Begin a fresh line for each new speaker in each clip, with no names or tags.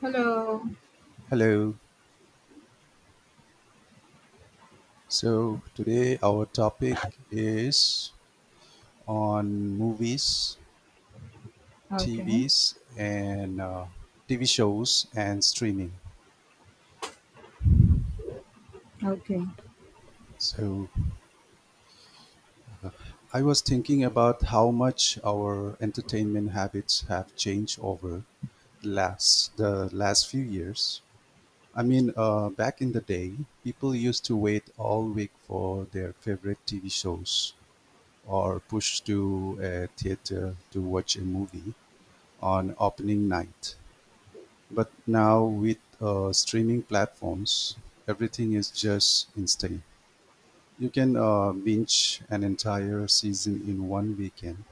Hello.
Hello. So today our topic is on movies,
Okay.
TVs, and TV shows and streaming.
Okay.
So I was thinking about how much our entertainment habits have changed over last the last few years. I mean, back in the day, people used to wait all week for their favorite TV shows or push to a theater to watch a movie on opening night. But now with streaming platforms, everything is just instant. You can binge an entire season in one weekend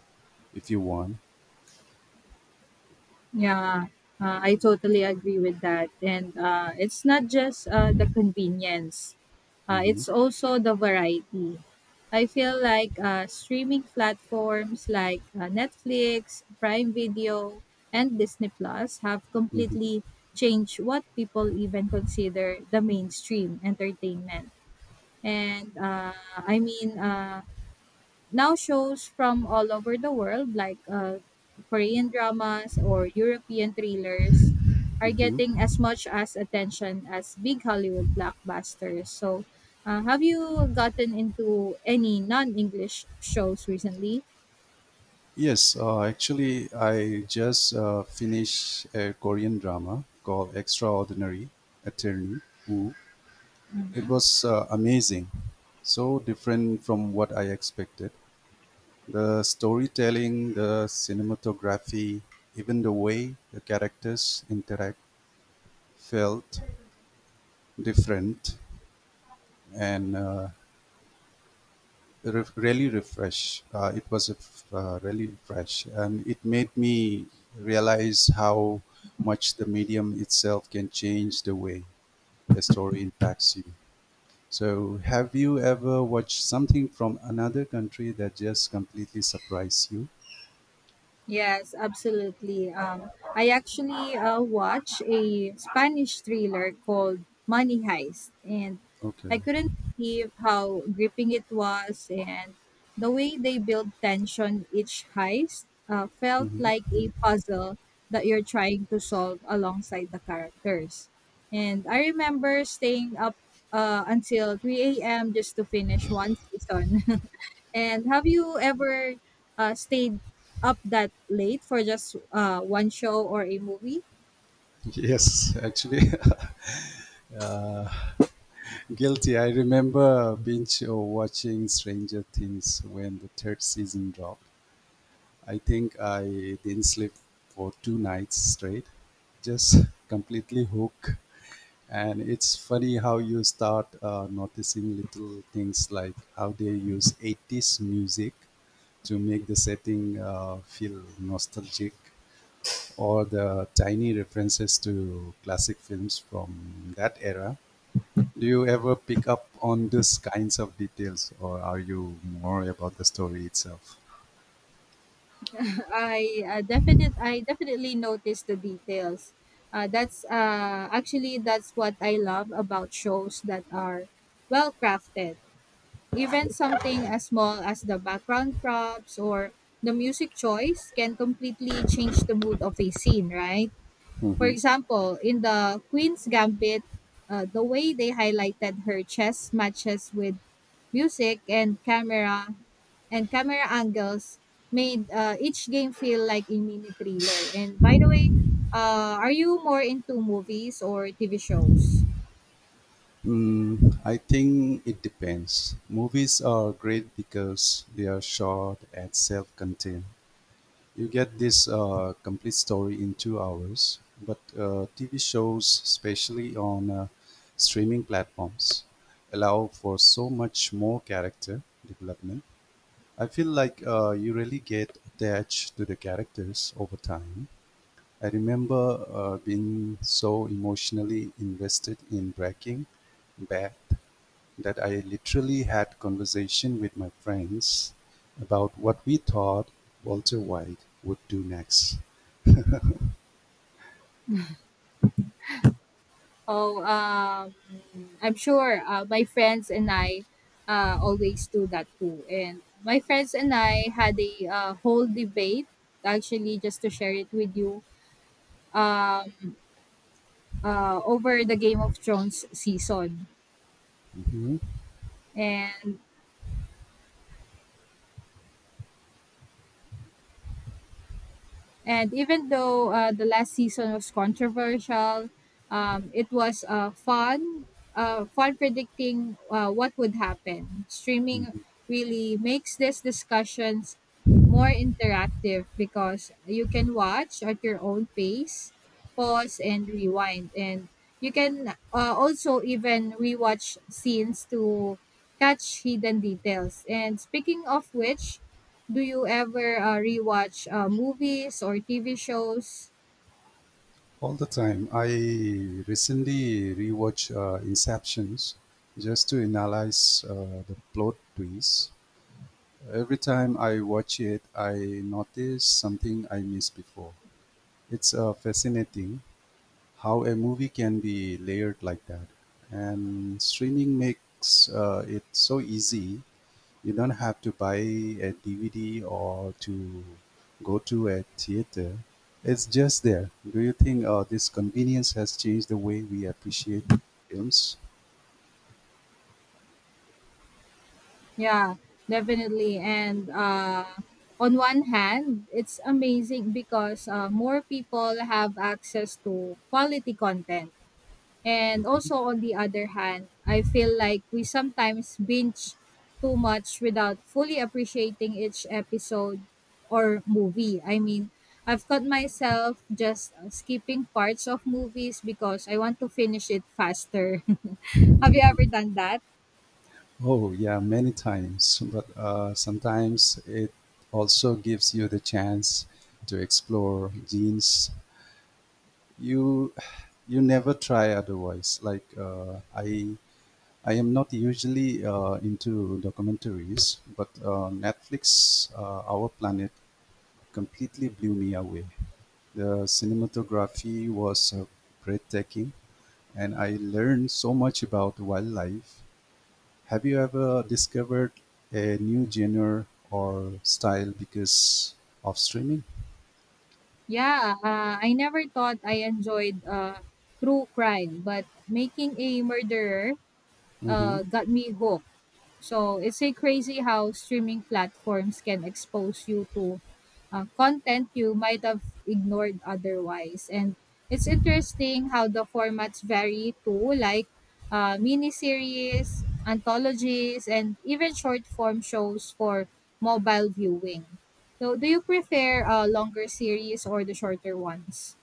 if you want.
Yeah. I totally agree with that. And it's not just the convenience, uh,
Hmm.
it's also the variety. I feel like streaming platforms like Netflix, Prime Video, and Disney Plus have
Hmm.
completely changed what people even consider the mainstream entertainment. And uh, I mean, uh, now shows from all over the world, like Korean dramas or European thrillers, are
Hmm.
getting as much as attention as big Hollywood blockbusters. Have you gotten into any non English shows recently?
Yes, actually, I just finished a Korean drama called Extraordinary Attorney Woo. It
Mhm.
was amazing, so different from what I expected. The storytelling, the cinematography, even the way the characters interact felt different and really refresh. It was really fresh, and it made me realize how much the medium itself can change the way a story impacts you. So, have you ever watched something from another country that just completely surprised you?
Yes, absolutely. I actually watched a Spanish thriller called Money Heist, and
Okay.
I couldn't believe how gripping it was, and the way they built tension each heist felt
Hmm.
like a puzzle that you're trying to solve alongside the characters. And I remember staying up until 3 a.m. just to finish one season. And have you ever stayed up that late for just one show or a movie?
Yes, actually, guilty. I remember binge watching Stranger Things when the third season dropped. I think I didn't sleep for 2 nights straight, just completely hooked. And it's funny how you start noticing little things like how they use 80s music to make the setting feel nostalgic, or the tiny references to classic films from that era. Do you ever pick up on these kinds of details, or are you more about the story itself?
I definitely noticed the details. That's what I love about shows that are well crafted. Even something as small as the background props or the music choice can completely change the mood of a scene, right? For
Mhm.
example, in the Queen's Gambit, the way they highlighted her chess matches with music and camera angles made each game feel like a mini thriller. And by the way, are you more into movies or TV shows?
Mm, I think it depends. Movies are great because they are short and self-contained. You get this complete story in 2 hours. But TV shows, especially on streaming platforms, allow for so much more character development. I feel like you really get attached to the characters over time. I remember being so emotionally invested in Breaking Bad that I literally had conversation with my friends about what we thought Walter White would do next.
Oh, um, I'm sure my friends and I always do that too. And my friends and I had a whole debate, actually, just to share it with you uh, over the Game of Thrones season.
Mhm.
And And even though the last season was controversial, it was fun predicting what would happen. Streaming
Mhm.
really makes these discussions more interactive because you can watch at your own pace, pause and rewind, and you can also even rewatch scenes to catch hidden details. And speaking of which, do you ever rewatch movies or TV shows?
All the time. I recently rewatched Inceptions just to analyze the plot twists. Every time I watch it, I notice something I missed before. It's fascinating how a movie can be layered like that. And streaming makes it so easy. You don't have to buy a DVD or to go to a theater. It's just there. Do you think this convenience has changed the way we appreciate films?
Yeah, definitely. And on one hand, it's amazing because more people have access to quality content. And
Mhm.
also, on the other hand, I feel like we sometimes binge too much without fully appreciating each episode or movie. I mean, I've caught myself just skipping parts of movies because I want to finish it faster. Have you ever done that?
Oh, yeah, many times. But sometimes it also gives you the chance to explore genes you you never try otherwise. Like, I am not usually into documentaries, but netflix, our planet completely blew me away. The cinematography was breathtaking, and I learned so much about wildlife. Have you ever discovered a new genre or style because of streaming?
Yeah, I never thought I enjoyed true crime, but making a murderer
Hmm.
got me hooked. So it's a crazy how streaming platforms can expose you to content you might have ignored otherwise. And it's interesting how the formats vary too, like miniseries, anthologies, and even short form shows for mobile viewing. So, do you prefer longer series or the shorter ones?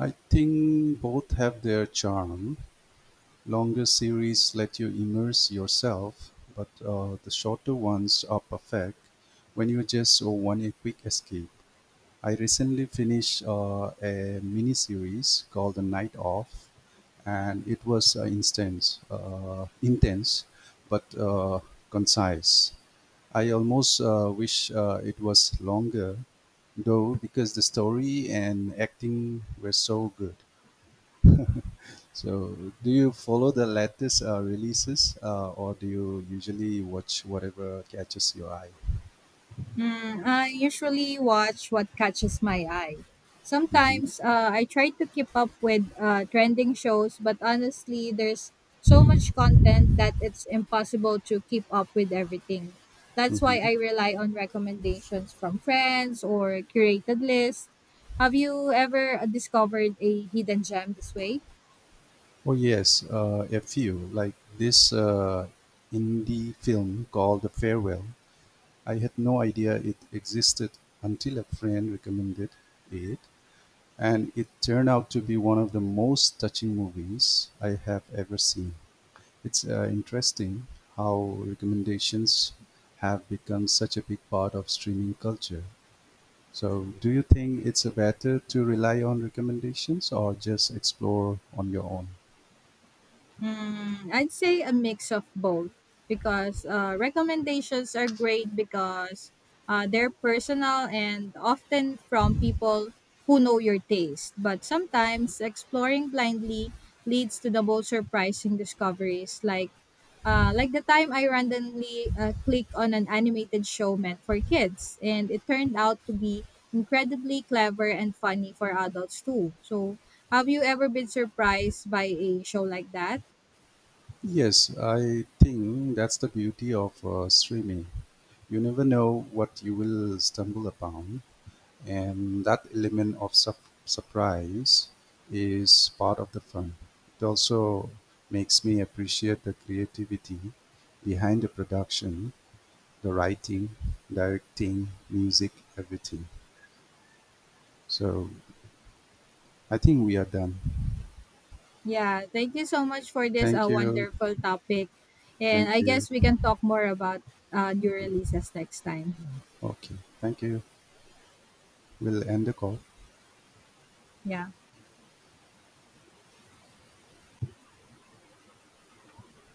I think both have their charm. Longer series let you immerse yourself, but the shorter ones are perfect when you just want a quick escape. I recently finished a mini series called The Night Off, and it was intense, but concise. I almost wish it was longer, though, because the story and acting were so good. So, do you follow the latest releases, or do you usually watch whatever catches your eye?
Mm, I usually watch what catches my eye.
Hmm.
Sometimes I try to keep up with trending shows, but honestly, there's so much content that it's impossible to keep up with everything. That's why
Hmm.
I rely on recommendations from friends or curated lists. Have you ever discovered a hidden gem this way?
Oh yes, a few like this indie film called The Farewell. I had no idea it existed until a friend recommended it, and it turned out to be one of the most touching movies I have ever seen. It's interesting how recommendations have become such a big part of streaming culture. So, do you think it's better to rely on recommendations or just explore on your own?
Mm, I'd say a mix of both because recommendations are great because they're personal and often from people who know your taste. But sometimes exploring blindly leads to the most surprising discoveries, like the time I randomly clicked on an animated show meant for kids, and it turned out to be incredibly clever and funny for adults too. So, have you ever been surprised by a show like that?
Yes, I think that's the beauty of streaming. You never know what you will stumble upon. And that element of surprise is part of the fun. It also makes me appreciate the creativity behind the production, the writing, directing, music, everything. So I think we are done.
Yeah, thank you so much for this
Thank you.
wonderful topic. And
Thank
I
you.
guess we can talk more about new releases next time.
Okay. Thank you. We'll end the call.
Yeah.